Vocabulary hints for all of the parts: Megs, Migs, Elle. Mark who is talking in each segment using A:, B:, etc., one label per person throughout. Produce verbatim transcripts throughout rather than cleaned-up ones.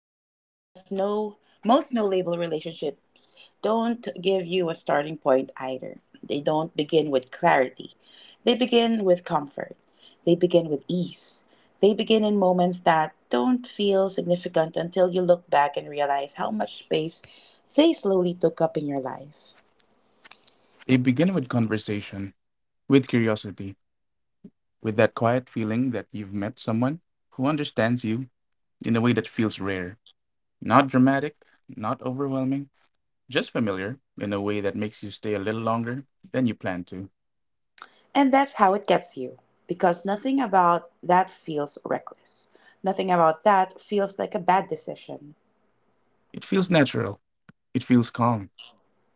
A: immediately because no most no label relationships don't give you a starting point either. They don't begin with clarity. They begin with comfort. They begin with ease. They begin in moments that don't feel significant until you look back and realize how much space they slowly took up in your life.
B: They begin with conversation, with curiosity, with that quiet feeling that you've met someone who understands you in a way that feels rare. Not dramatic, not overwhelming, just familiar in a way that makes you stay a little longer than you plan to.
A: And that's how it gets you because nothing about that feels reckless. Nothing about that feels like a bad decision.
B: It feels natural. It feels calm.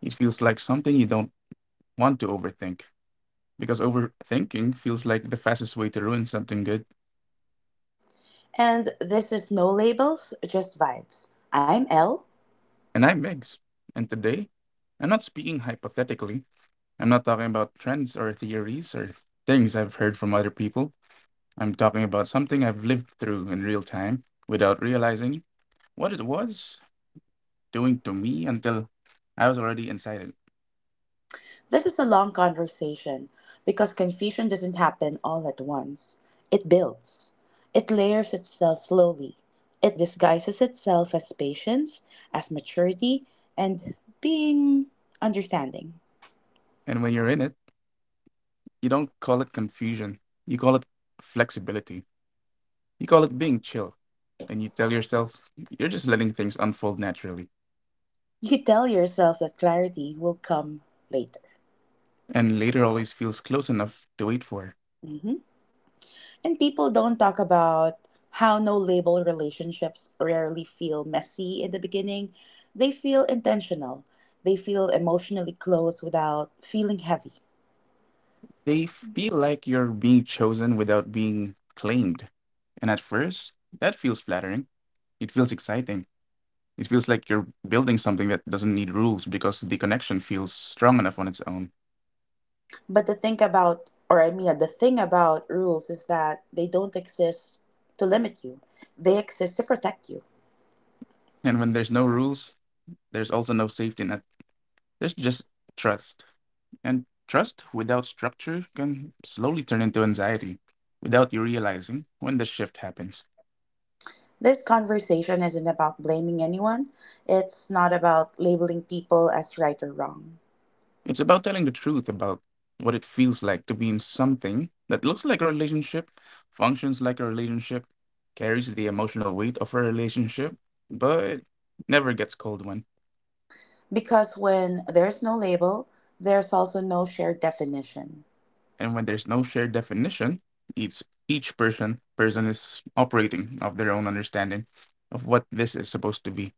B: It feels like something you don't want to overthink because overthinking feels like the fastest way to ruin something good.
A: And this is No Labels, Just Vibes. I'm Elle.
B: And I'm Megs. And today, I'm not speaking hypothetically. I'm not talking about trends or theories or things I've heard from other people. I'm talking about something I've lived through in real time without realizing what it was doing to me until I was already inside it.
A: This is a long conversation because confusion doesn't happen all at once. It builds, it layers itself slowly, it disguises itself as patience, as maturity, and being understanding.
B: And when you're in it, you don't call it confusion. You call it flexibility. You call it being chill. And you tell yourself you're just letting things unfold naturally.
A: You tell yourself that clarity will come later.
B: And later always feels close enough to wait for.
A: Mhm. And people don't talk about how no label relationships rarely feel messy in the beginning. They feel intentional. They feel emotionally close without feeling heavy.
B: They feel like you're being chosen without being claimed. And at first, that feels flattering. It feels exciting. It feels like you're building something that doesn't need rules because the connection feels strong enough on its own.
A: But the thing about, or I mean, The thing about rules is that they don't exist to limit you, they exist to protect you.
B: And when there's no rules, there's also no safety net. There's just trust. And trust without structure can slowly turn into anxiety without you realizing when the shift happens.
A: This conversation isn't about blaming anyone, it's not about labeling people as right or wrong.
B: It's about telling the truth about what it feels like to be in something that looks like a relationship, functions like a relationship, carries the emotional weight of a relationship, but never gets cold one.
A: Because when there's no label, there's also no shared definition.
B: And when there's no shared definition, each each person person is operating of their own understanding of what this is supposed to be.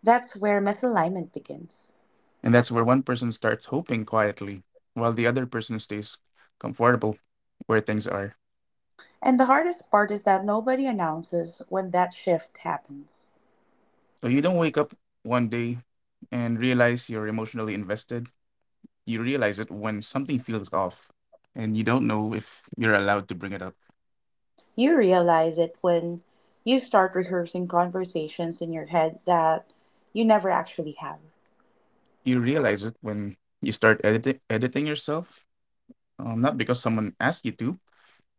A: That's where misalignment begins.
B: And that's where one person starts hoping quietly while the other person stays comfortable where things are.
A: And the hardest part is that nobody announces when that shift happens.
B: So you don't wake up one day and realize you're emotionally invested. You realize it when something feels off and you don't know if you're allowed to bring it up.
A: You realize it when you start rehearsing conversations in your head that you never actually have,
B: You realize it when you start edit- editing yourself, um, not because someone asked you to,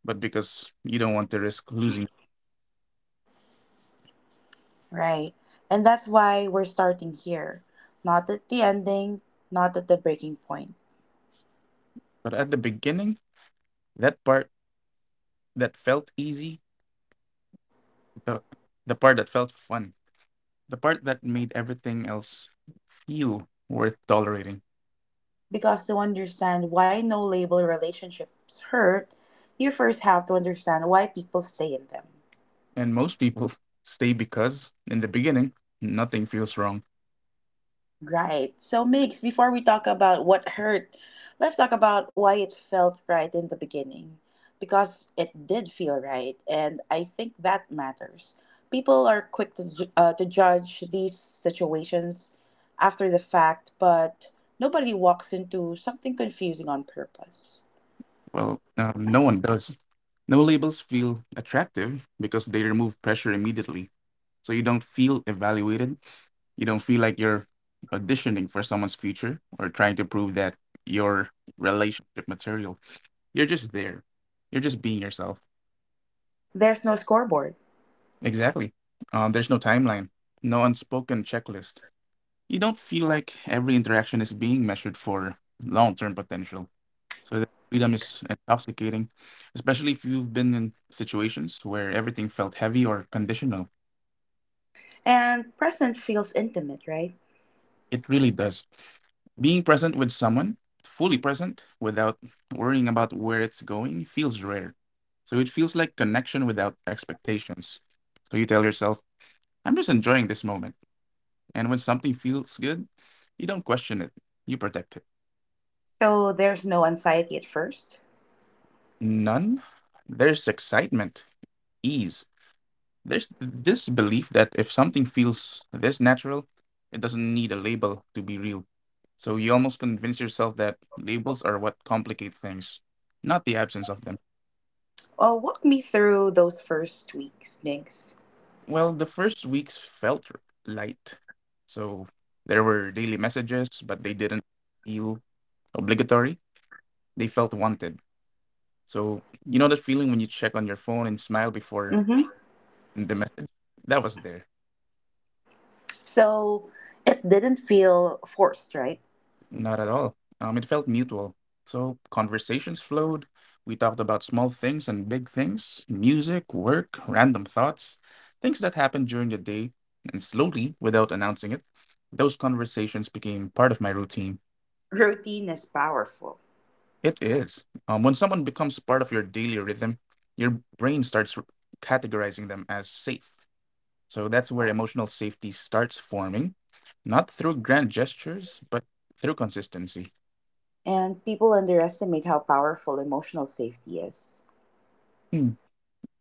B: but because you don't want to risk losing.
A: right? And that's why we're starting here, not at the ending, not at the breaking point.
B: But at the beginning, that part that felt easy, the, the part that felt fun, the part that made everything else feel worth tolerating.
A: Because to understand why no label relationships hurt, you first have to understand why people stay in them.
B: And most people stay because in the beginning nothing feels wrong.
A: Right. So, Migs, before we talk about what hurt, let's talk about why it felt right in the beginning. Because it did feel right, and I think that matters. People are quick to, ju- uh, to judge these situations after the fact, but nobody walks into something confusing on purpose.
B: Well, uh, no one does. No labels feel attractive because they remove pressure immediately, so you don't feel evaluated. You don't feel like you're auditioning for someone's future or trying to prove that your relationship material. You're just there, you're just being yourself.
A: There's no scoreboard.
B: Exactly. Um, there's no timeline, no unspoken checklist. You don't feel like every interaction is being measured for long-term potential. So that freedom is intoxicating, especially if you've been in situations where everything felt heavy or conditional.
A: And present feels intimate, right?
B: It really does. Being present with someone, fully present, without worrying about where it's going, feels rare. So it feels like connection without expectations. So you tell yourself, I'm just enjoying this moment. And when something feels good, you don't question it, you protect it.
A: So there's no anxiety at first.
B: None. There's excitement, ease. There's this belief that if something feels this natural, it doesn't need a label to be real. So you almost convince yourself that labels are what complicate things, not the absence of them.
A: Oh, walk me through those first weeks, Migs.
B: Well, the first weeks felt r- light. So there were daily messages, but they didn't feel obligatory. They felt wanted. So you know that feeling when you check on your phone and smile before
A: Mm-hmm.
B: the message? That was there.
A: So it didn't feel forced, right?
B: Not at all. Um, it felt mutual. So conversations flowed. We talked about small things and big things, music, work, random thoughts, things that happened during the day. And slowly, without announcing it, those conversations became part of my routine.
A: Routine is powerful.
B: It is. Um, when someone becomes part of your daily rhythm, your brain starts r- categorizing them as safe. So that's where emotional safety starts forming, not through grand gestures, but through consistency.
A: And people underestimate how powerful emotional safety is.
B: Hmm.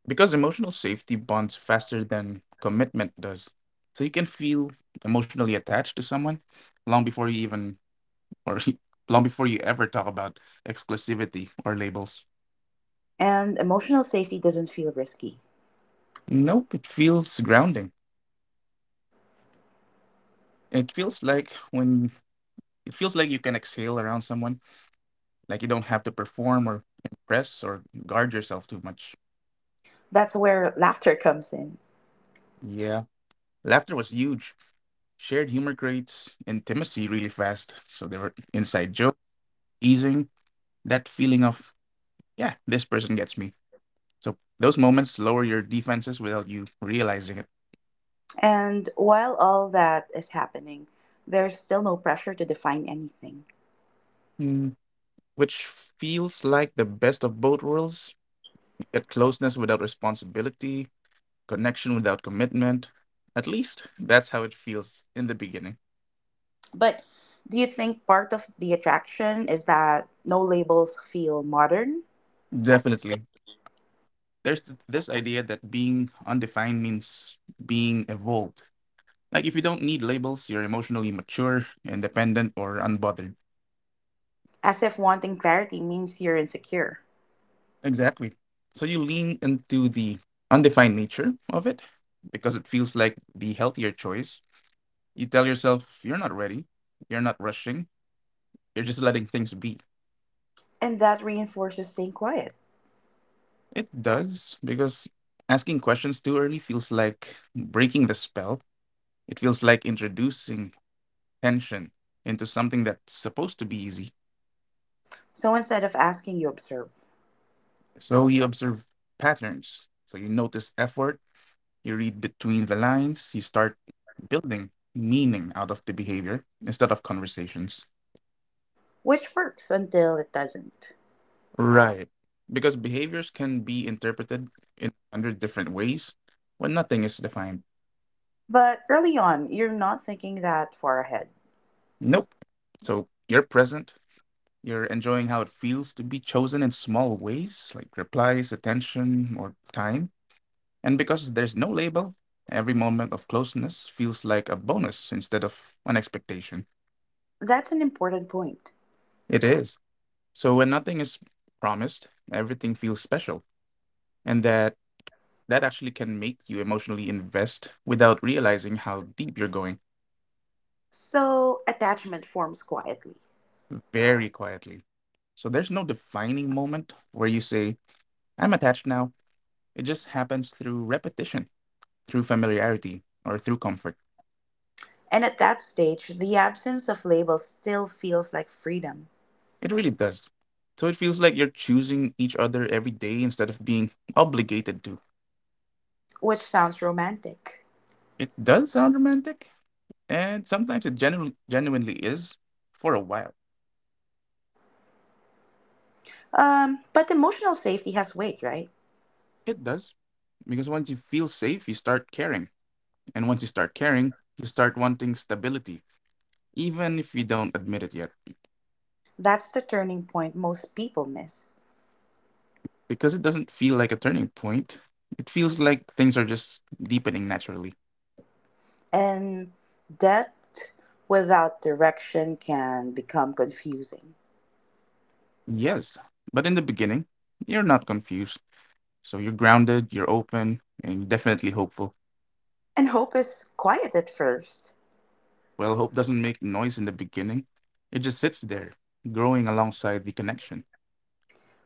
B: Because emotional safety bonds faster than commitment does. So you can feel emotionally attached to someone long before you even or long before you ever talk about exclusivity or labels.
A: And emotional safety doesn't feel risky.
B: Nope, it feels grounding. It feels like when it feels like you can exhale around someone, like you don't have to perform or impress or guard yourself too much.
A: That's where laughter comes in.
B: Yeah, laughter was huge. Shared humor creates intimacy really fast. So there were inside jokes, easing that feeling of yeah, this person gets me. So those moments lower your defenses without you realizing it.
A: And while all that is happening, there's still no pressure to define anything.
B: Mm. Which feels like the best of both worlds. You get closeness without responsibility, connection without commitment. At least that's how it feels in the beginning.
A: But do you think part of the attraction is that no labels feel modern?
B: Definitely. There's th- this idea that being undefined means being evolved. Like if you don't need labels, you're emotionally mature, independent, or unbothered.
A: As if wanting clarity means you're insecure.
B: Exactly. So you lean into the undefined nature of it because it feels like the healthier choice. You tell yourself you're not ready, you're not rushing, you're just letting things be.
A: And that reinforces staying quiet.
B: It does because asking questions too early feels like breaking the spell. It feels like introducing tension into something that's supposed to be easy.
A: So instead of asking, you observe,
B: So you observe patterns. So you notice effort. You read between the lines, you start building meaning out of the behavior instead of conversations.
A: which works until it doesn't.
B: Right. Because behaviors can be interpreted in a hundred different ways when nothing is defined.
A: But early on, you're not thinking that far ahead.
B: Nope. So you're present, you're enjoying how it feels to be chosen in small ways, like replies, attention, or time. And because there's no label, every moment of closeness feels like a bonus instead of an expectation.
A: That's an important point.
B: It is. So when nothing is promised, everything feels special, and that that actually can make you emotionally invest without realizing how deep you're going.
A: So attachment forms quietly.
B: Very quietly. So there's no defining moment where you say, I'm attached now. It just happens through repetition, through familiarity, or through comfort.
A: And at that stage, the absence of labels still feels like freedom,
B: It really does. So it feels like you're choosing each other every day instead of being obligated to.
A: which sounds romantic.
B: It does sound romantic, and sometimes it genu- genuinely is for a while.
A: Um, but emotional safety has weight, right?
B: It does. Because once you feel safe, you start caring. And once you start caring, you start wanting stability, even if you don't admit it yet.
A: That's the turning point most people miss.
B: Because it doesn't feel like a turning point, it feels like things are just deepening naturally.
A: And depth without direction can become confusing.
B: Yes, but in the beginning, you're not confused. So you're grounded, you're open, and you're definitely hopeful.
A: And hope is quiet at first,
B: Well, hope doesn't make noise in the beginning, it just sits there, growing alongside the connection.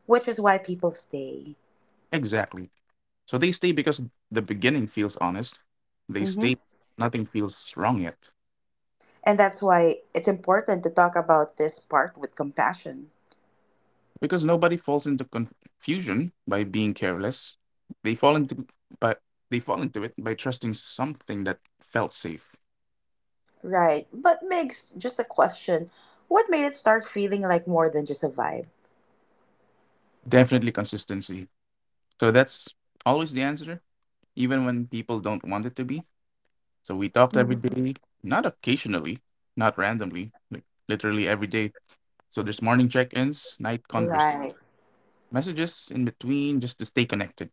A: which is why people stay.
B: Exactly. So they stay because the beginning feels honest. They
A: Hmm.
B: stay, nothing feels wrong yet.
A: And that's why it's important to talk about this part with compassion.
B: Because nobody falls into confusion by being careless. They fall into but they fall into it by trusting something that felt safe.
A: Right. But Migs, just a question. What made it start feeling like more than just a vibe?
B: Definitely consistency. So that's always the answer, even when people don't want it to be. So we talked every
A: Mhm.
B: day, not occasionally, not randomly, like literally every day. So there's morning check-ins, night conversations,
A: Right.
B: messages in between just to stay connected.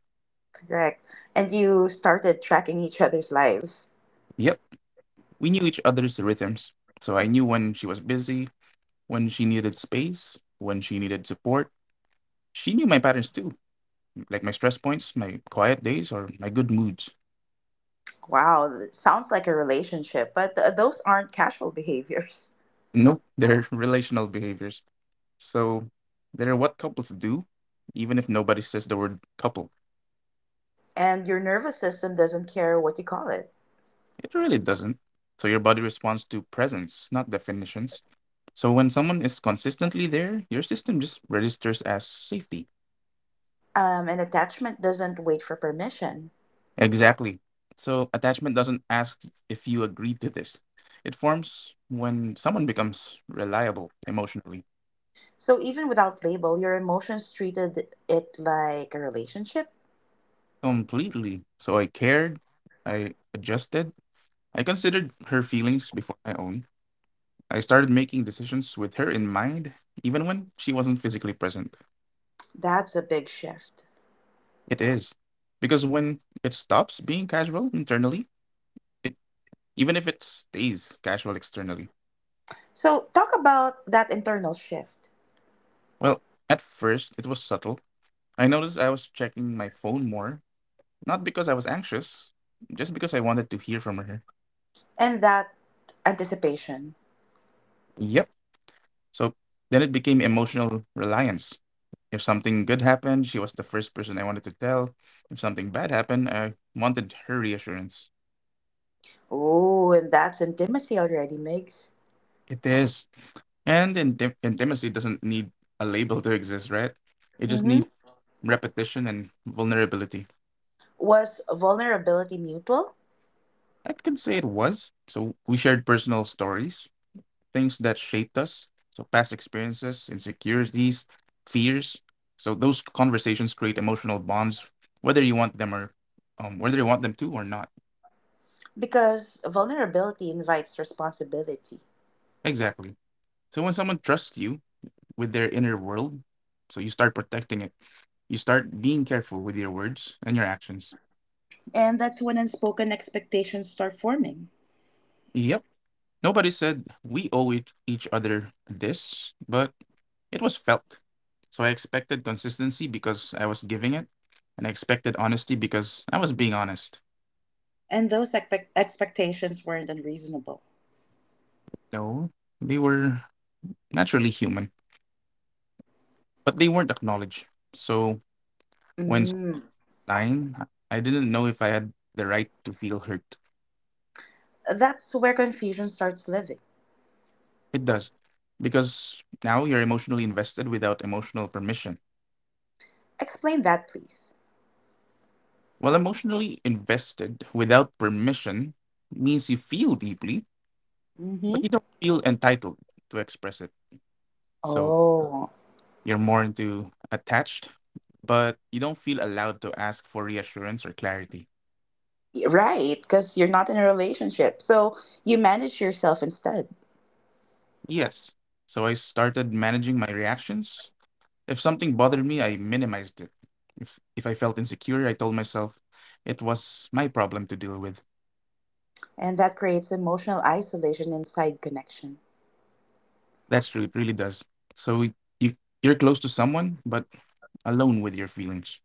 A: Correct. And you started tracking each other's lives.
B: Yeah. We knew each other's rhythms, so I knew when she was busy, when she needed space, when she needed support. She knew my patterns too, like my stress points, my quiet days, or my good moods.
A: Wow, that sounds like a relationship, but th- those aren't casual behaviors.
B: Nope, they're relational behaviors. So they're what couples do, even if nobody says the word couple.
A: And your nervous system doesn't care what you call it.
B: It really doesn't. So your body responds to presence, not definitions. So when someone is consistently there, your system just registers as safety.
A: Um, and attachment doesn't wait for permission.
B: Exactly. So attachment doesn't ask if you agree to this. It forms when someone becomes reliable emotionally.
A: So even without label, your emotions treated it like a relationship.
B: Completely. So I cared, I adjusted, I considered her feelings before my own. I started making decisions with her in mind, even when she wasn't physically present.
A: That's a big shift.
B: It is. Because when it stops being casual internally, it even if it stays casual externally.
A: So talk about that internal shift
B: Well, at first it was subtle. I noticed I was checking my phone more. Not because I was anxious, just because I wanted to hear from her.
A: and that anticipation.
B: Yep. So then it became emotional reliance. If something good happened, she was the first person I wanted to tell. If something bad happened, I wanted her reassurance.
A: Oh, and that's intimacy already, Migs.
B: It is. And intim- intimacy doesn't need a label to exist, right? It just
A: Mm-hmm.
B: needs repetition and vulnerability.
A: Was vulnerability mutual?
B: I could say it was. So we shared personal stories, things that shaped us. So past experiences, insecurities, fears. So those conversations create emotional bonds, whether you want them or um, whether you want them to or not.
A: Because vulnerability invites responsibility.
B: Exactly. So when someone trusts you with their inner world, so you start protecting it. You start being careful with your words and your actions.
A: And that's when unspoken expectations start forming.
B: Yep. Nobody said we owe it- each other this, but it was felt. So I expected consistency because I was giving it, and I expected honesty because I was being honest.
A: And those expect- expectations weren't unreasonable.
B: No, they were naturally human, but they weren't acknowledged. So when someone
A: Mm.
B: lying, I didn't know if I had the right to feel hurt.
A: That's where confusion starts living.
B: It does, because now you're emotionally invested without emotional permission.
A: Explain that, please.
B: Well, emotionally invested without permission means you feel deeply, but you
A: Mm-hmm.
B: don't feel entitled to express it. So
A: Oh,
B: you're more into attached, but you don't feel allowed to ask for reassurance or clarity.
A: right. Because you're not in a relationship. So you manage yourself instead.
B: Yes. So I started managing my reactions. If something bothered me, I minimized it. If if I felt insecure, I told myself it was my problem to deal with.
A: And that creates emotional isolation inside connection.
B: That's true, it really does. So y- you you're close to someone, but alone with your feelings.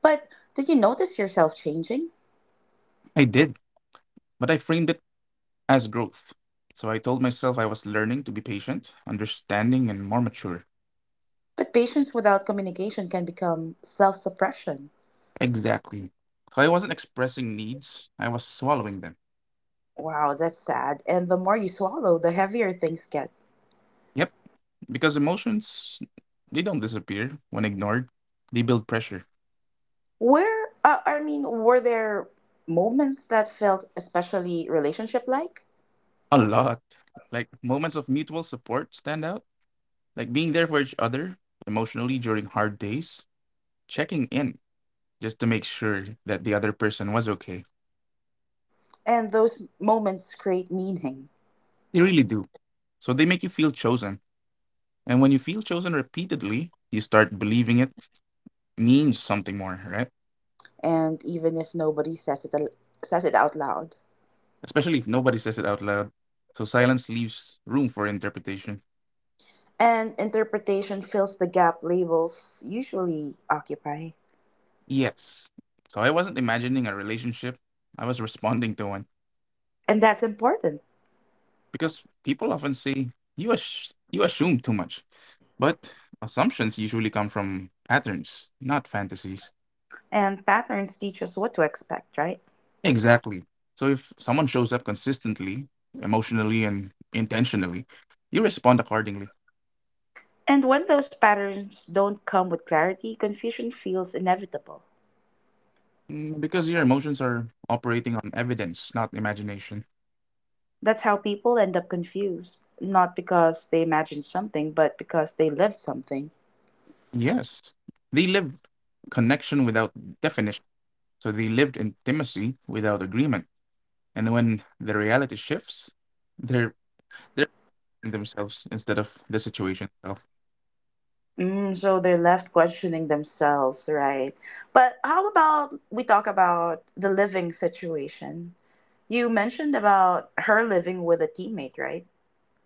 A: But did you notice yourself changing?
B: I did, but I framed it as growth. So I told myself I was learning to be patient, understanding, and more mature.
A: But patience without communication can become self suppression.
B: Exactly. So I wasn't expressing needs, I was swallowing them.
A: Wow, that's sad. And the more you swallow, the heavier things get.
B: Yep, because emotions, they don't disappear when ignored, they build pressure.
A: Where, uh, I mean, were there moments that felt especially relationship like?
B: A lot. Like moments of mutual support stand out, like being there for each other emotionally during hard days, checking in just to make sure that the other person was okay.
A: And those moments create meaning.
B: They really do. So they make you feel chosen. And when you feel chosen repeatedly, you start believing it means something more, right?
A: And even if nobody says it, al- says it out loud.
B: Especially if nobody says it out loud. So silence leaves room for interpretation.
A: And interpretation fills the gap labels usually occupy.
B: Yes. So I wasn't imagining a relationship, I was responding to one.
A: And that's important.
B: Because people often say, you, ass- you assume too much. But assumptions usually come from patterns, not fantasies.
A: And patterns teach us what to expect, right?
B: Exactly. So if someone shows up consistently, emotionally, and intentionally, you respond accordingly.
A: And when those patterns don't come with clarity, confusion feels inevitable.
B: Mm, because your emotions are operating on evidence, not imagination.
A: That's how people end up confused, not because they imagined something, but because they lived something.
B: Yes, they lived connection without definition. So they lived intimacy without agreement. And when the reality shifts, they're they're themselves instead of the situation itself.
A: Mm, so they're left questioning themselves, right? But how about we talk about the living situation? You mentioned about her living with a teammate, right?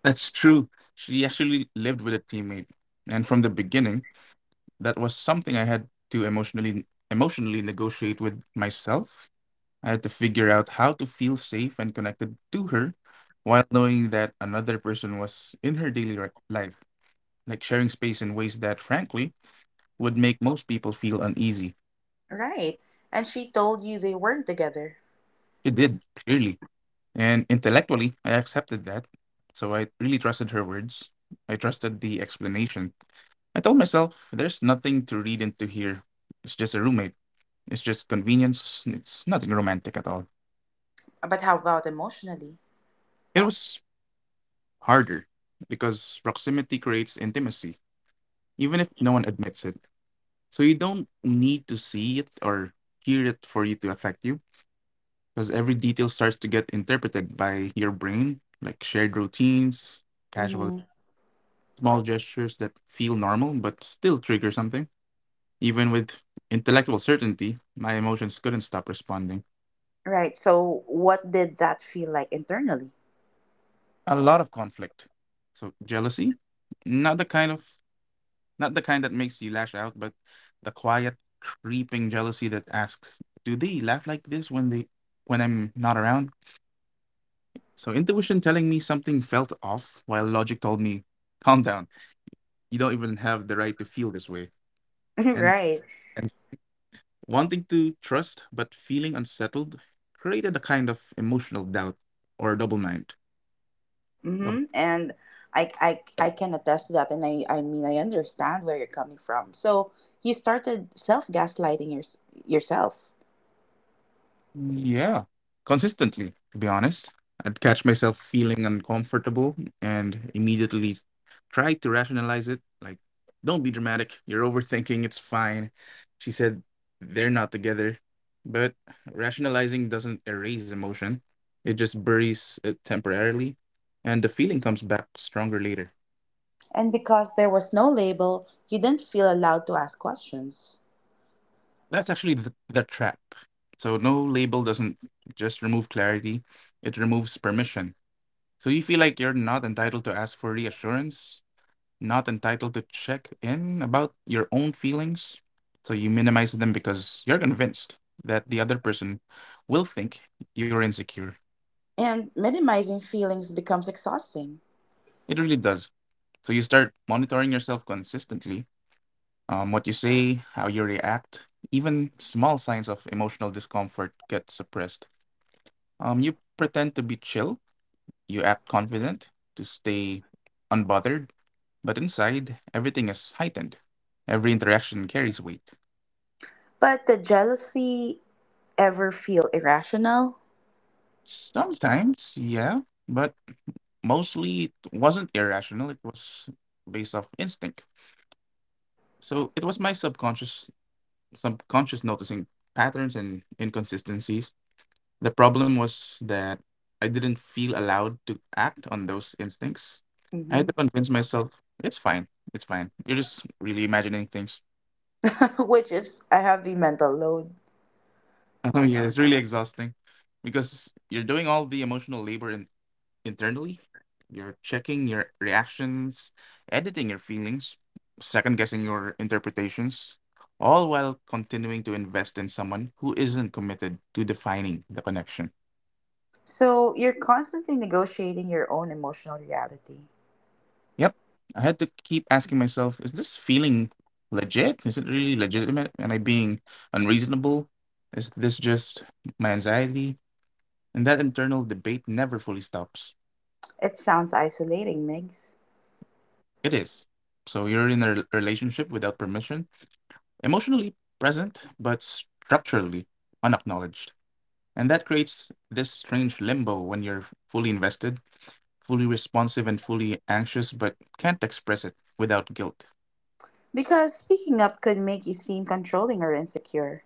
B: That's true. She actually lived with a teammate, and from the beginning, that was something I had to emotionally emotionally negotiate with myself. I had to figure out how to feel safe and connected to her while knowing that another person was in her daily ri- life, like sharing space in ways that, frankly, would make most people feel uneasy.
A: Right. And she told you they weren't together.
B: She did, clearly. And intellectually, I accepted that. So I really trusted her words. I trusted the explanation. I told myself there's nothing to read into here. It's just a roommate. It's just convenience. It's nothing romantic at all.
A: But how about emotionally?
B: It was harder because proximity creates intimacy even if no one admits it. So you don't need to see it or hear it for it to affect you, because every detail starts to get interpreted by your brain, like shared routines, casual
A: Hmm.
B: small gestures that feel normal but still trigger something. Even with intellectual certainty, my emotions couldn't stop responding.
A: Right. So what did that feel like internally?
B: A lot of conflict. So jealousy, not the kind of not the kind that makes you lash out, but the quiet, creeping jealousy that asks, "Do they laugh like this when they when I'm not around?" So intuition telling me something felt off, while logic told me, "Calm down. You don't even have the right to feel this way." And
A: Right.
B: and wanting to trust but feeling unsettled created a kind of emotional doubt or double mind.
A: Mm-hmm. And I, I, I can attest to that. And I, I mean, I understand where you're coming from. So you started self gaslighting your, yourself.
B: Yeah, consistently, to be honest. I'd catch myself feeling uncomfortable and immediately try to rationalize it. Like, don't be dramatic. You're overthinking. It's fine. She said they're not together. But rationalizing doesn't erase emotion, it just buries it temporarily. And the feeling comes back stronger later.
A: And because there was no label, you didn't feel allowed to ask questions.
B: That's actually the, the trap. So, no label doesn't just remove clarity, it removes permission. So you feel like you're not entitled to ask for reassurance, not entitled to check in about your own feelings. So you minimize them because you're convinced that the other person will think you're insecure.
A: And minimizing feelings becomes exhausting.
B: It really does. So you start monitoring yourself consistently, um, what you say, how you react, even small signs of emotional discomfort get suppressed. Um, you pretend to be chill, you act confident to stay unbothered. But inside, everything is heightened. Every interaction carries weight.
A: But did jealousy ever feel irrational?
B: Sometimes, yeah, but mostly it wasn't irrational. It was based off instinct. So it was my subconscious, subconscious noticing patterns and inconsistencies. The problem was that I didn't feel allowed to act on those instincts. I had to
A: Mm-hmm.
B: convince myself it's fine, it's fine. You're just really imagining things.
A: Which is a heavy mental load.
B: Oh yeah, it's really exhausting because you're doing all the emotional labor internally. You're checking your reactions, editing your feelings, second guessing your interpretations, all while continuing to invest in someone who isn't committed to defining the connection.
A: So you're constantly negotiating your own emotional reality.
B: Yep. I had to keep asking myself, is this feeling legit? Is it really legitimate? Am I being unreasonable? Is this just my anxiety? And that internal debate never fully stops.
A: It sounds isolating, Migs.
B: It is. So you're in a rel- relationship without permission, emotionally present but structurally unacknowledged. And that creates this strange limbo when you're fully invested, fully responsive, and fully anxious, but can't express it without guilt.
A: Because speaking up could make you seem controlling or insecure.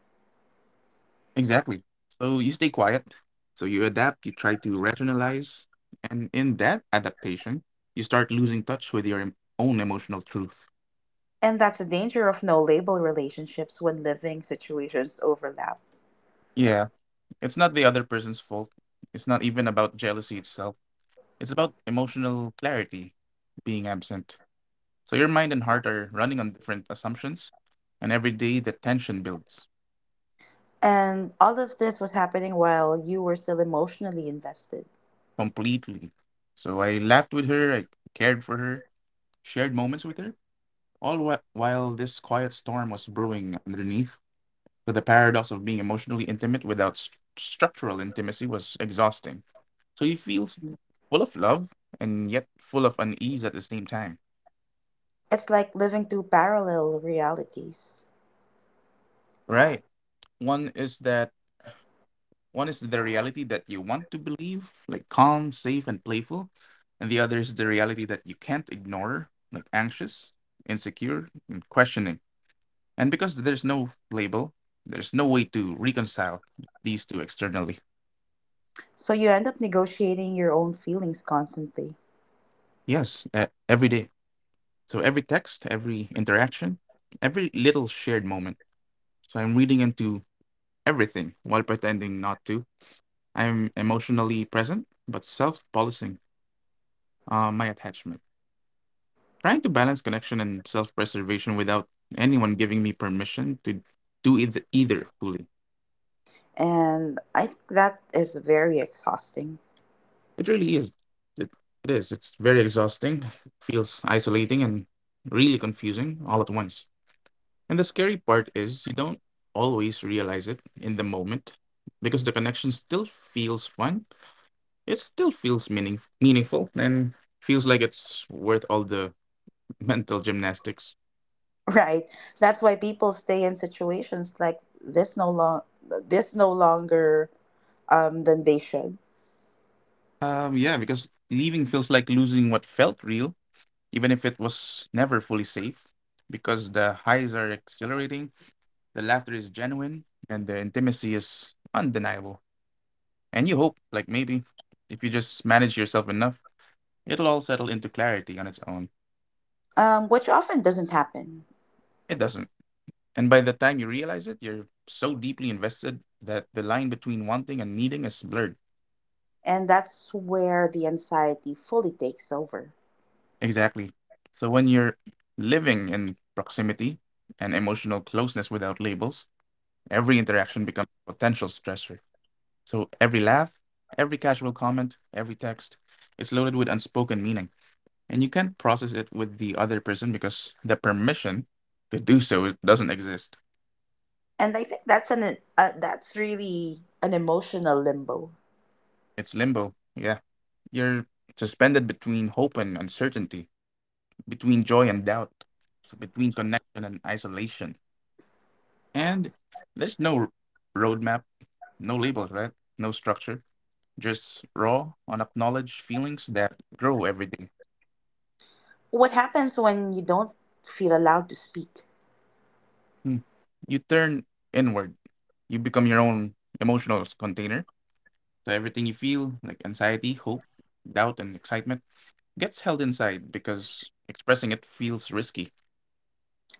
B: Exactly. So you stay quiet. So you adapt, you try to rationalize. And in that adaptation, you start losing touch with your em- own emotional truth.
A: And that's the danger of no label relationships when living situations overlap.
B: Yeah, it's not the other person's fault. It's not even about jealousy itself. It's about emotional clarity being absent. So your mind and heart are running on different assumptions, and every day the tension builds
A: And all of this was happening while you were still emotionally invested.
B: completely. So I laughed with her, I cared for her, shared moments with her, all wh- while this quiet storm was brewing underneath. So the paradox of being emotionally intimate without st- structural intimacy was exhausting. So you feel s- full of love and yet full of unease at the same time.
A: It's like living two parallel realities.
B: Right. One is that One is the reality that you want to believe, like calm, safe, and playful. And the other is the reality that you can't ignore, like anxious, insecure, and questioning. And because there's no label, there's no way to reconcile these two externally.
A: So you end up negotiating your own feelings constantly.
B: Yes, uh, every day. So every text, every interaction, every little shared moment. So I'm reading into everything while pretending not to. I'm emotionally present, but self policing uh, my attachment. Trying to balance connection and self preservation without anyone giving me permission to do either, either fully.
A: And I think that is very exhausting,
B: It really is. It, it is. It's very exhausting, feels isolating, and really confusing all at once. And the scary part is you don't always realize it in the moment because the connection still feels fun. It still feels meaning, meaningful and feels like it's worth all the mental gymnastics.
A: right? That's why people stay in situations like this no long this no longer um, than they should,
B: Um, yeah, because leaving feels like losing what felt real even if it was never fully safe, because the highs are exhilarating, the laughter is genuine, and the intimacy is undeniable. And you hope, like maybe, if you just manage yourself enough, it'll all settle into clarity on its own.
A: um, which often doesn't happen.
B: It doesn't. And by the time you realize it, you're so deeply invested that the line between wanting and needing is blurred.
A: And that's where the anxiety fully takes over.
B: Exactly. So when you're living in proximity and emotional closeness without labels, every interaction becomes a potential stressor. So every laugh, every casual comment, every text is loaded with unspoken meaning. And you can't process it with the other person because the permission to do so is- doesn't exist.
A: And I think that's an uh, that's really an emotional limbo.
B: It's limbo. Yeah. You're suspended between hope and uncertainty, between joy and doubt, so between connection and isolation. And there's no r- roadmap, no labels, right? No structure, just raw, unacknowledged feelings that grow every day.
A: What happens when you don't feel allowed to speak?
B: Hmm. You turn inward. You become your own emotional s- container. So everything you feel, like anxiety, hope, doubt, and excitement, gets held inside because expressing it feels risky.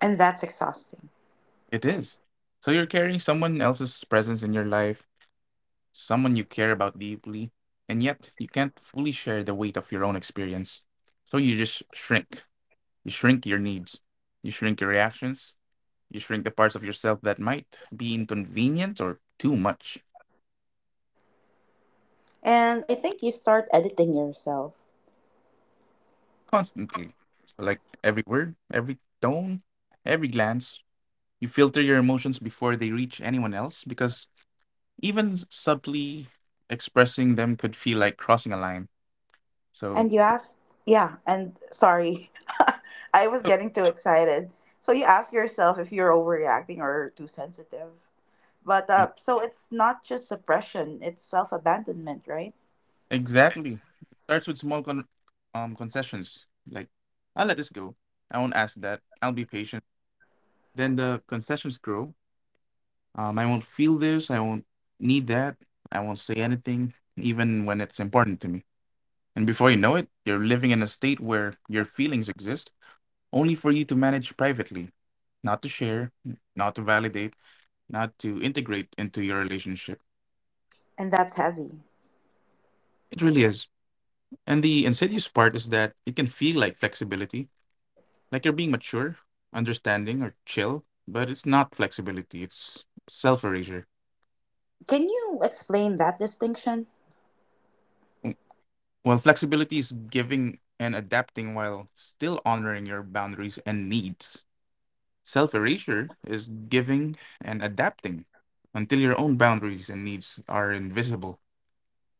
A: And that's exhausting.
B: It is. So you're carrying someone else's presence in your life, someone you care about deeply, and yet you can't fully share the weight of your own experience. So you just shrink. You shrink your needs. You shrink your reactions. You shrink the parts of yourself that might be inconvenient or too much
A: And I think you start editing yourself.
B: constantly. So, like every word, every tone, every glance, you filter your emotions before they reach anyone else because even s- subtly expressing them could feel like crossing a line. So,
A: And you ask, yeah, and sorry, I was getting too excited. So you ask yourself if you're overreacting or too sensitive. But
B: e-
A: uh, so it's not just suppression, it's self abandonment, right?
B: exactly. It starts with small con- um, concessions like, I'll let this go. I won't ask that. I'll be patient. Then the concessions grow. Um, I won't feel this. I won't need that. I won't say anything, even when it's important to me. And before you know it, you're living in a state where your feelings exist only for you to manage privately, not to share, not to validate, not to integrate into your relationship.
A: And that's heavy.
B: It really is. And the insidious part is that it can feel like flexibility, like you're being mature, understanding, or chill, but it's not flexibility, it's self erasure.
A: Can you explain that distinction?
B: Well, flexibility is giving and adapting while still honoring your boundaries and needs. Self erasure is giving and adapting until your own boundaries and needs are invisible.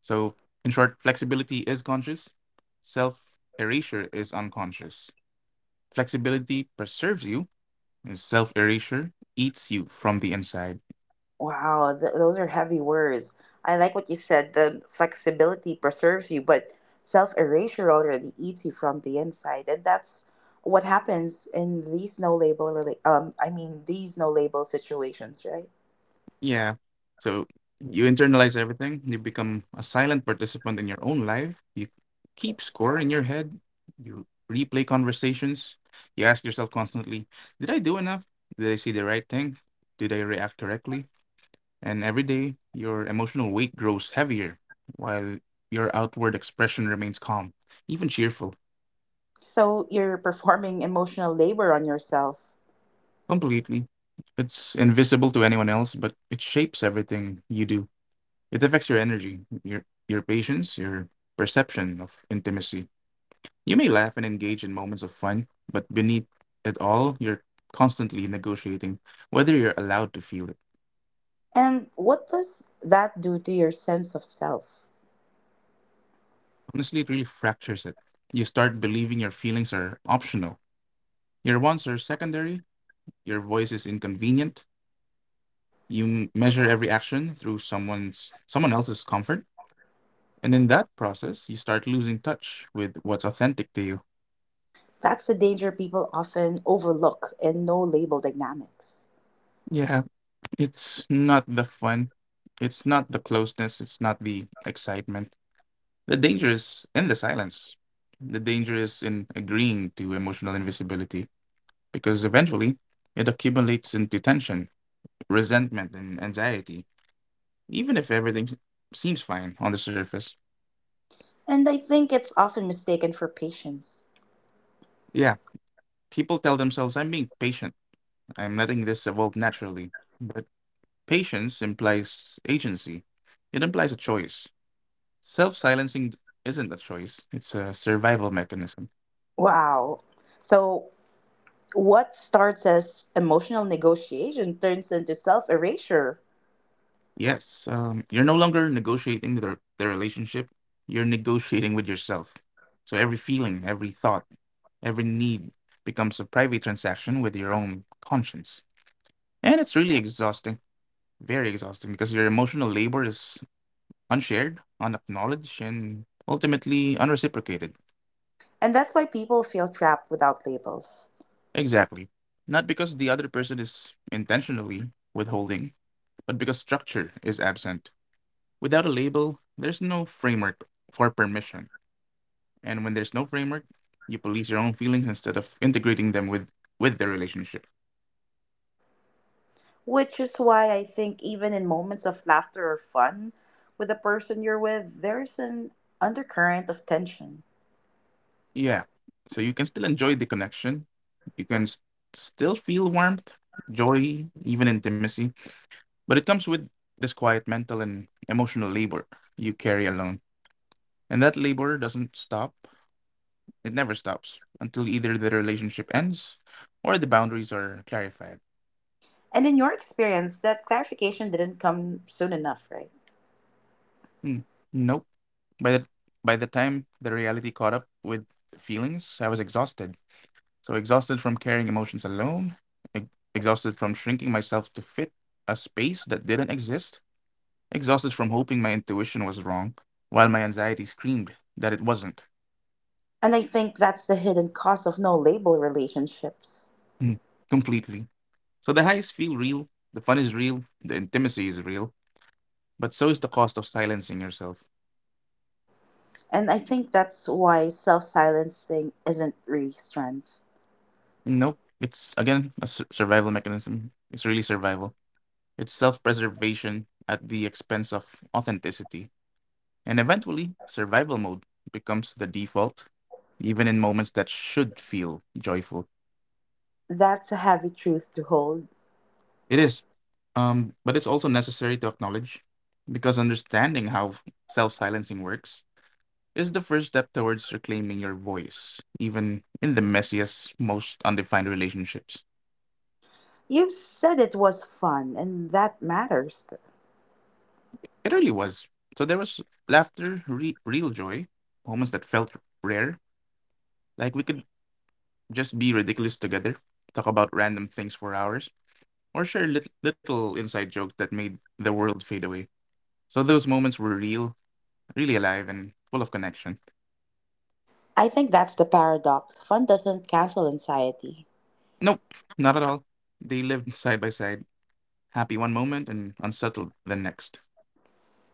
B: So, in short, flexibility is conscious, self erasure is unconscious. Flexibility preserves you, and self erasure eats you from the inside.
A: Wow, th- those are heavy words. I like what you said. The flexibility preserves you, but self erasure already eats you from the inside, and that's what happens in these no label rela- um I mean these no label situations, right?
B: Yeah. So you internalize everything. You become a silent participant in your own life. You keep score in your head. You replay conversations. You ask yourself constantly, did I do enough? Did I see the right thing? Did I react correctly? And every day, your emotional weight grows heavier while your outward expression remains calm, even cheerful,
A: So you're performing emotional labor on yourself.
B: completely. It's invisible to anyone else, but it shapes everything you do. It affects your energy, your your patience, your perception of intimacy. You may laugh and engage in moments of fun, but beneath it all, you're constantly negotiating whether you're allowed to feel it.
A: And what does that do to your sense of self?
B: Honestly, it really fractures it. You start believing your feelings are optional. Your wants are secondary, your voice is inconvenient. You m- measure every action through someone's someone else's comfort, and in that process, you start losing touch with what's authentic to you.
A: That's the danger people often overlook in no label dynamics.
B: Yeah, it's not the fun. It's not the closeness. It's not the excitement. The danger is in the silence. The danger is in agreeing to emotional invisibility because eventually it accumulates into tension, resentment, and anxiety, even if everything seems fine on the surface.
A: And I think it's often mistaken for patience.
B: Yeah, people tell themselves, I'm being patient. I'm letting this evolve naturally. But patience implies agency, it implies a choice. Self silencing isn't a choice, it's a survival mechanism.
A: Wow. So, what starts as emotional negotiation turns into self erasure.
B: Yes, um, you're no longer negotiating the, the relationship, you're negotiating with yourself. So every feeling, every thought, every need becomes a private transaction with your own conscience. And it's really exhausting, very exhausting, because your emotional labor is unshared, unacknowledged, and ultimately unreciprocated.
A: And that's why people feel trapped without labels.
B: Exactly. Not because the other person is intentionally withholding, but because structure is absent. Without a label, there's no framework for permission. And when there's no framework, you police your own feelings instead of integrating them with with the relationship.
A: Which is why I think, even in moments of laughter or fun with the person you're with, there's an undercurrent of tension.
B: Yeah. So you can still enjoy the connection. You can s- still feel warmth, joy, even intimacy, but it comes with this quiet mental and emotional labor you carry alone. And that labor doesn't stop. It never stops until either the relationship ends or the boundaries are clarified.
A: And in your experience, that clarification didn't come soon enough, right?
B: Hmm. Nope. By the by the time the reality caught up with feelings, I was exhausted. So exhausted from carrying emotions alone, e- exhausted from shrinking myself to fit a space that didn't exist, exhausted from hoping my intuition was wrong, while my anxiety screamed that it wasn't.
A: And I think that's the hidden cost of no label relationships.
B: Hmm, completely. So the highs feel real, the fun is real, the intimacy is real, but so is the cost of silencing yourself.
A: And I think that's why self silencing isn't really strength.
B: Nope, it's again a sur- survival mechanism. It's really survival. It's self preservation at the expense of authenticity. And eventually, survival mode becomes the default, even in moments that should feel joyful.
A: That's a heavy truth to hold.
B: It is, um, but it's also necessary to acknowledge because understanding how self silencing works is the first step towards reclaiming your voice, even in the messiest, most undefined relationships.
A: You've said it was fun, and that matters.
B: It really was. So there was laughter, re- real joy, moments that felt rare, like we could just be ridiculous together, talk about random things for hours, or share lit- little inside jokes that made the world fade away. So those moments were real, really alive, and full of connection.
A: I think that's the paradox. Fun doesn't cancel anxiety.
B: Nope, not at all. They lived side by side, happy one moment and unsettled the next.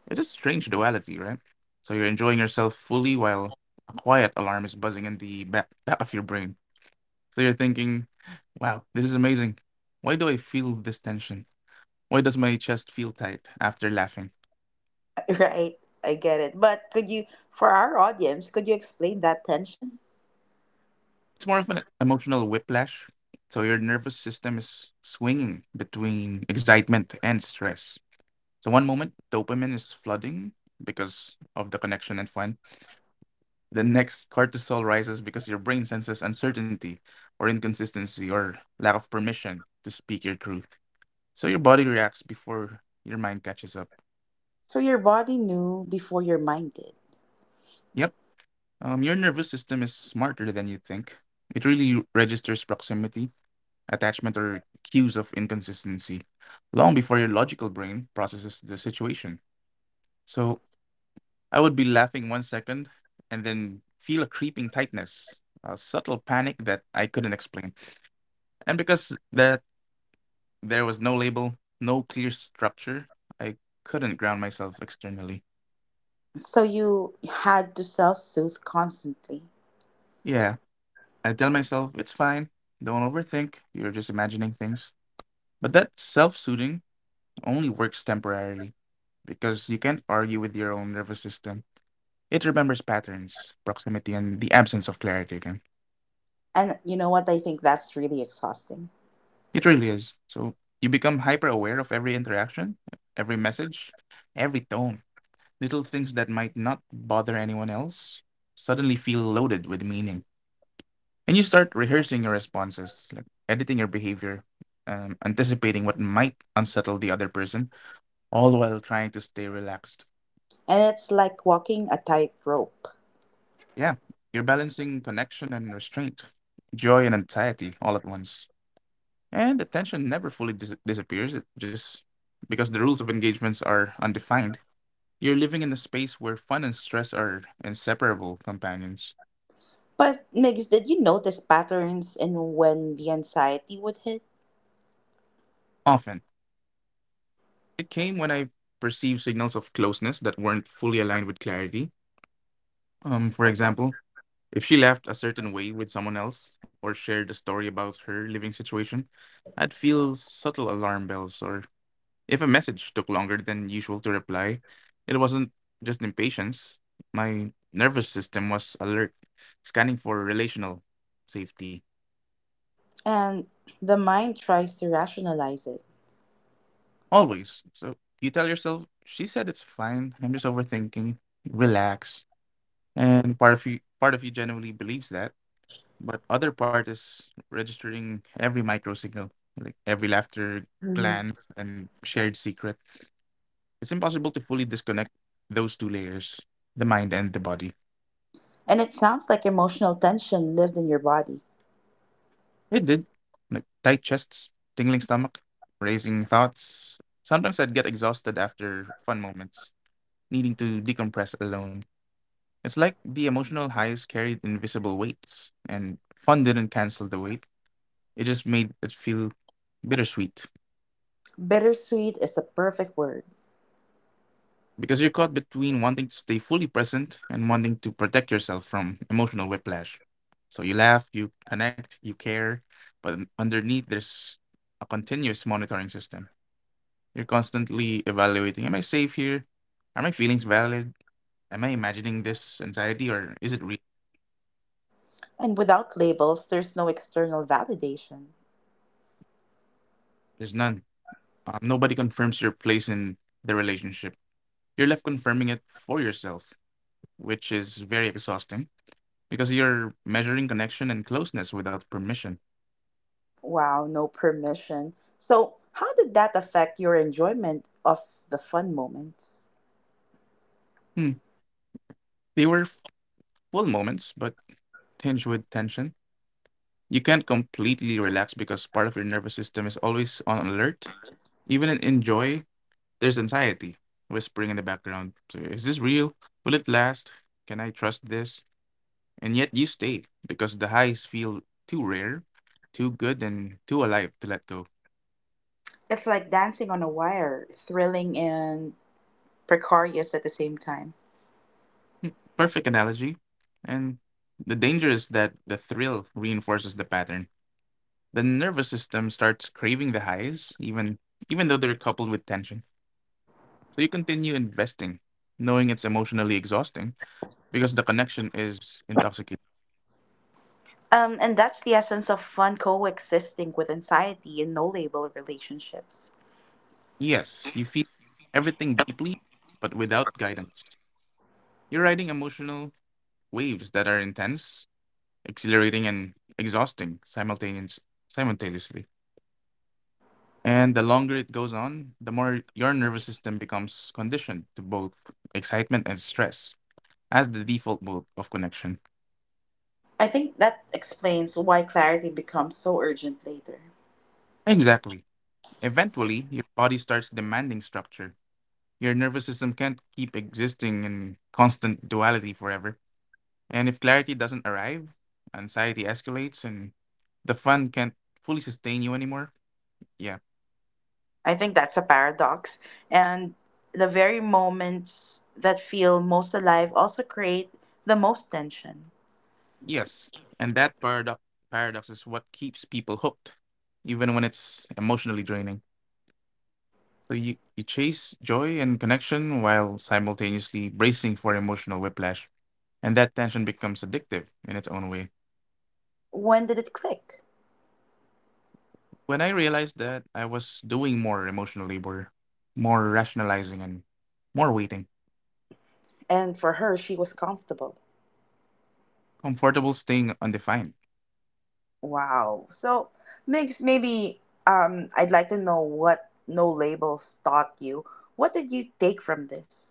B: It's a strange duality, right? So you're enjoying yourself fully while a quiet alarm is buzzing in the back, back of your brain. So you're thinking, wow, this is amazing. Why do I feel this tension? Why does my chest feel tight after laughing?
A: Right? I get it. But could you, for our audience, could you explain that tension?
B: It's more of an emotional whiplash. So your nervous system is swinging between excitement and stress. So one moment dopamine is flooding because of the connection and fun. The next cortisol rises because your brain senses uncertainty or inconsistency or lack of permission to speak your truth. So your body reacts before your mind catches up.
A: So your body knew before your mind did.
B: Yep. Um, your nervous system is smarter than you think. It really registers proximity, attachment, or cues of inconsistency long before your logical brain processes the situation. So I would be laughing one second and then feel a creeping tightness, a subtle panic that I couldn't explain. And because that there was no label, no clear structure, I couldn't ground myself externally.
A: So you had to self soothe constantly.
B: Yeah, I tell myself it's fine. Don't overthink. You're just imagining things. But that self-soothing only works temporarily because you can't argue with your own nervous system. It remembers patterns, proximity, and the absence of clarity again.
A: And you know what? I think that's really exhausting.
B: It really is. So you become hyper aware of every interaction, every message, every tone. Little things that might not bother anyone else suddenly feel loaded with meaning. And you start rehearsing your responses, like editing your behavior, um, anticipating what might unsettle the other person, all while trying to stay relaxed.
A: And it's like walking a tightrope.
B: Yeah, you're balancing connection and restraint, joy and anxiety all at once. And the tension never fully dis- disappears. It just, because the rules of engagements are undefined, you're living in a space where fun and stress are inseparable companions.
A: But Migs, did you notice patterns in when the anxiety would hit?
B: Often, it came when I perceived signals of closeness that weren't fully aligned with clarity. Um, for example, if she laughed a certain way with someone else or shared a story about her living situation, I'd feel subtle alarm bells. Or if a message took longer than usual to reply, it wasn't just impatience. My nervous system was alert, scanning for relational safety.
A: And the mind tries to rationalize it.
B: Always. So you tell yourself, she said it's fine. I'm just overthinking. Relax. And part of you part of you genuinely believes that. But other part is registering every micro signal, like every laughter,
A: Mhm.
B: glance, and shared secret. It's impossible to fully disconnect those two layers, the mind and the body.
A: And it sounds like emotional tension lived in your body.
B: It did. Like tight chests, tingling stomach, racing thoughts. Sometimes I'd get exhausted after fun moments, needing to decompress alone. It's like the emotional highs carried invisible weights, and fun didn't cancel the weight. It just made it feel bittersweet.
A: Bittersweet is the perfect word.
B: Because you're caught between wanting to stay fully present and wanting to protect yourself from emotional whiplash. So you laugh, you connect, you care, but underneath there's a continuous monitoring system. You're constantly evaluating, am I safe here? Are my feelings valid? Am I imagining this anxiety or is it real?
A: And without labels, there's no external validation.
B: There's none. Um, nobody confirms your place in the relationship. You're left confirming it for yourself, which is very exhausting because you're measuring connection and closeness without permission.
A: Wow, no permission. So, how did that affect your enjoyment of the fun moments?
B: Hmm. They were full moments, but tinged with tension. You can't completely relax because part of your nervous system is always on alert. Even in in joy, there's anxiety whispering in the background. So, is this real? Will it last? Can I trust this? And yet you stay because the highs feel too rare, too good, and too alive to let go.
A: It's like dancing on a wire, thrilling and precarious at the same time.
B: Hmm, perfect analogy. And the danger is that the thrill reinforces the pattern. The nervous system starts craving the highs, even even though they're coupled with tension. So you continue investing, knowing it's emotionally exhausting because the connection is intoxicating.
A: Um, and that's the essence of fun coexisting with anxiety in no label relationships.
B: Yes, you feel everything deeply, but without guidance. You're riding emotional waves that are intense, exhilarating, and exhausting simultaneous, simultaneously. And the longer it goes on, the more your nervous system becomes conditioned to both excitement and stress as the default mode of connection.
A: I think that explains why clarity becomes so urgent later.
B: Exactly. Eventually, your body starts demanding structure. Your nervous system can't keep existing in constant duality forever. And if clarity doesn't arrive, anxiety escalates and the fun can't fully sustain you anymore. Yeah.
A: I think that's a paradox. And the very moments that feel most alive also create the most tension.
B: Yes. And that paradox paradox is what keeps people hooked, even when it's emotionally draining. So you, you chase joy and connection while simultaneously bracing for emotional whiplash. And that tension becomes addictive in its own way.
A: When did it click?
B: When I realized that I was doing more emotional labor, more rationalizing and more waiting,
A: And for her, she was comfortable.
B: comfortable staying undefined.
A: Wow. So, Migs, maybe um, I'd like to know what no labels taught you. What did you take from this?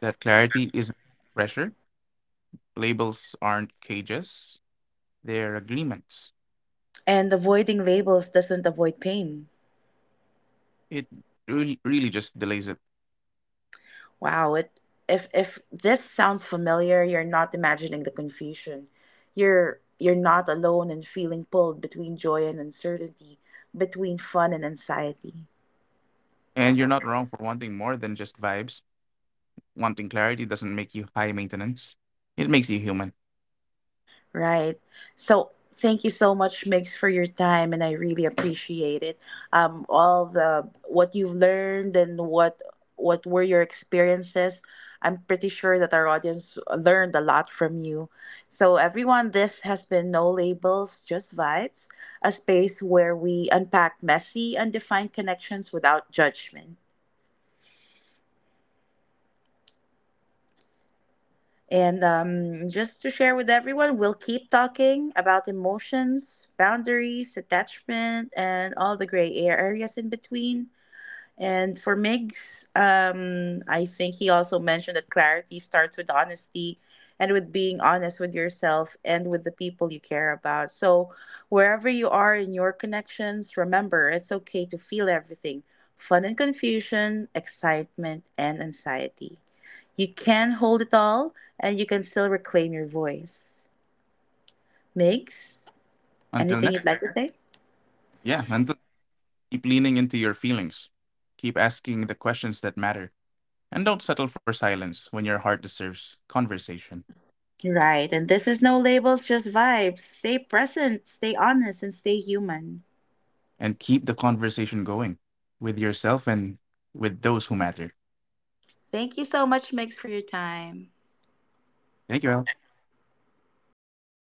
B: That clarity isn't pressure. Labels aren't cages, they're agreements.
A: And avoiding labels doesn't avoid pain.
B: It really, really just delays it.
A: Wow. It if if this sounds familiar, you're not imagining the confusion. You're you're not alone in feeling pulled between joy and uncertainty, between fun and anxiety.
B: And you're not wrong for wanting more than just vibes. Wanting clarity doesn't make you high maintenance, it makes you human.
A: Right. So thank you so much, Mix, for your time, and I really appreciate it. Um, all the what you've learned and what what were your experiences. I'm pretty sure that our audience learned a lot from you. So everyone, this has been No Labels, Just Vibes, a space where we unpack messy, undefined connections without judgment. And um, just to share with everyone, we'll keep talking about emotions, boundaries, attachment, and all the gray areas in between. And for Miggs, um, I think he also mentioned that clarity starts with honesty and with being honest with yourself and with the people you care about. So, wherever you are in your connections, remember it's okay to feel everything, fun and confusion, excitement and anxiety. You can hold it all and you can still reclaim your voice. Miggs,
B: Until
A: anything
B: next
A: you'd
B: time.
A: like to say?
B: Yeah, until, keep leaning into your feelings. Keep asking the questions that matter. And don't settle for silence when your heart deserves conversation.
A: Right. And this is no labels, just vibes. Stay present, stay honest, and stay human.
B: And keep the conversation going with yourself and with those who matter.
A: Thank you so much, Mix, for your time.
B: Thank you, Al.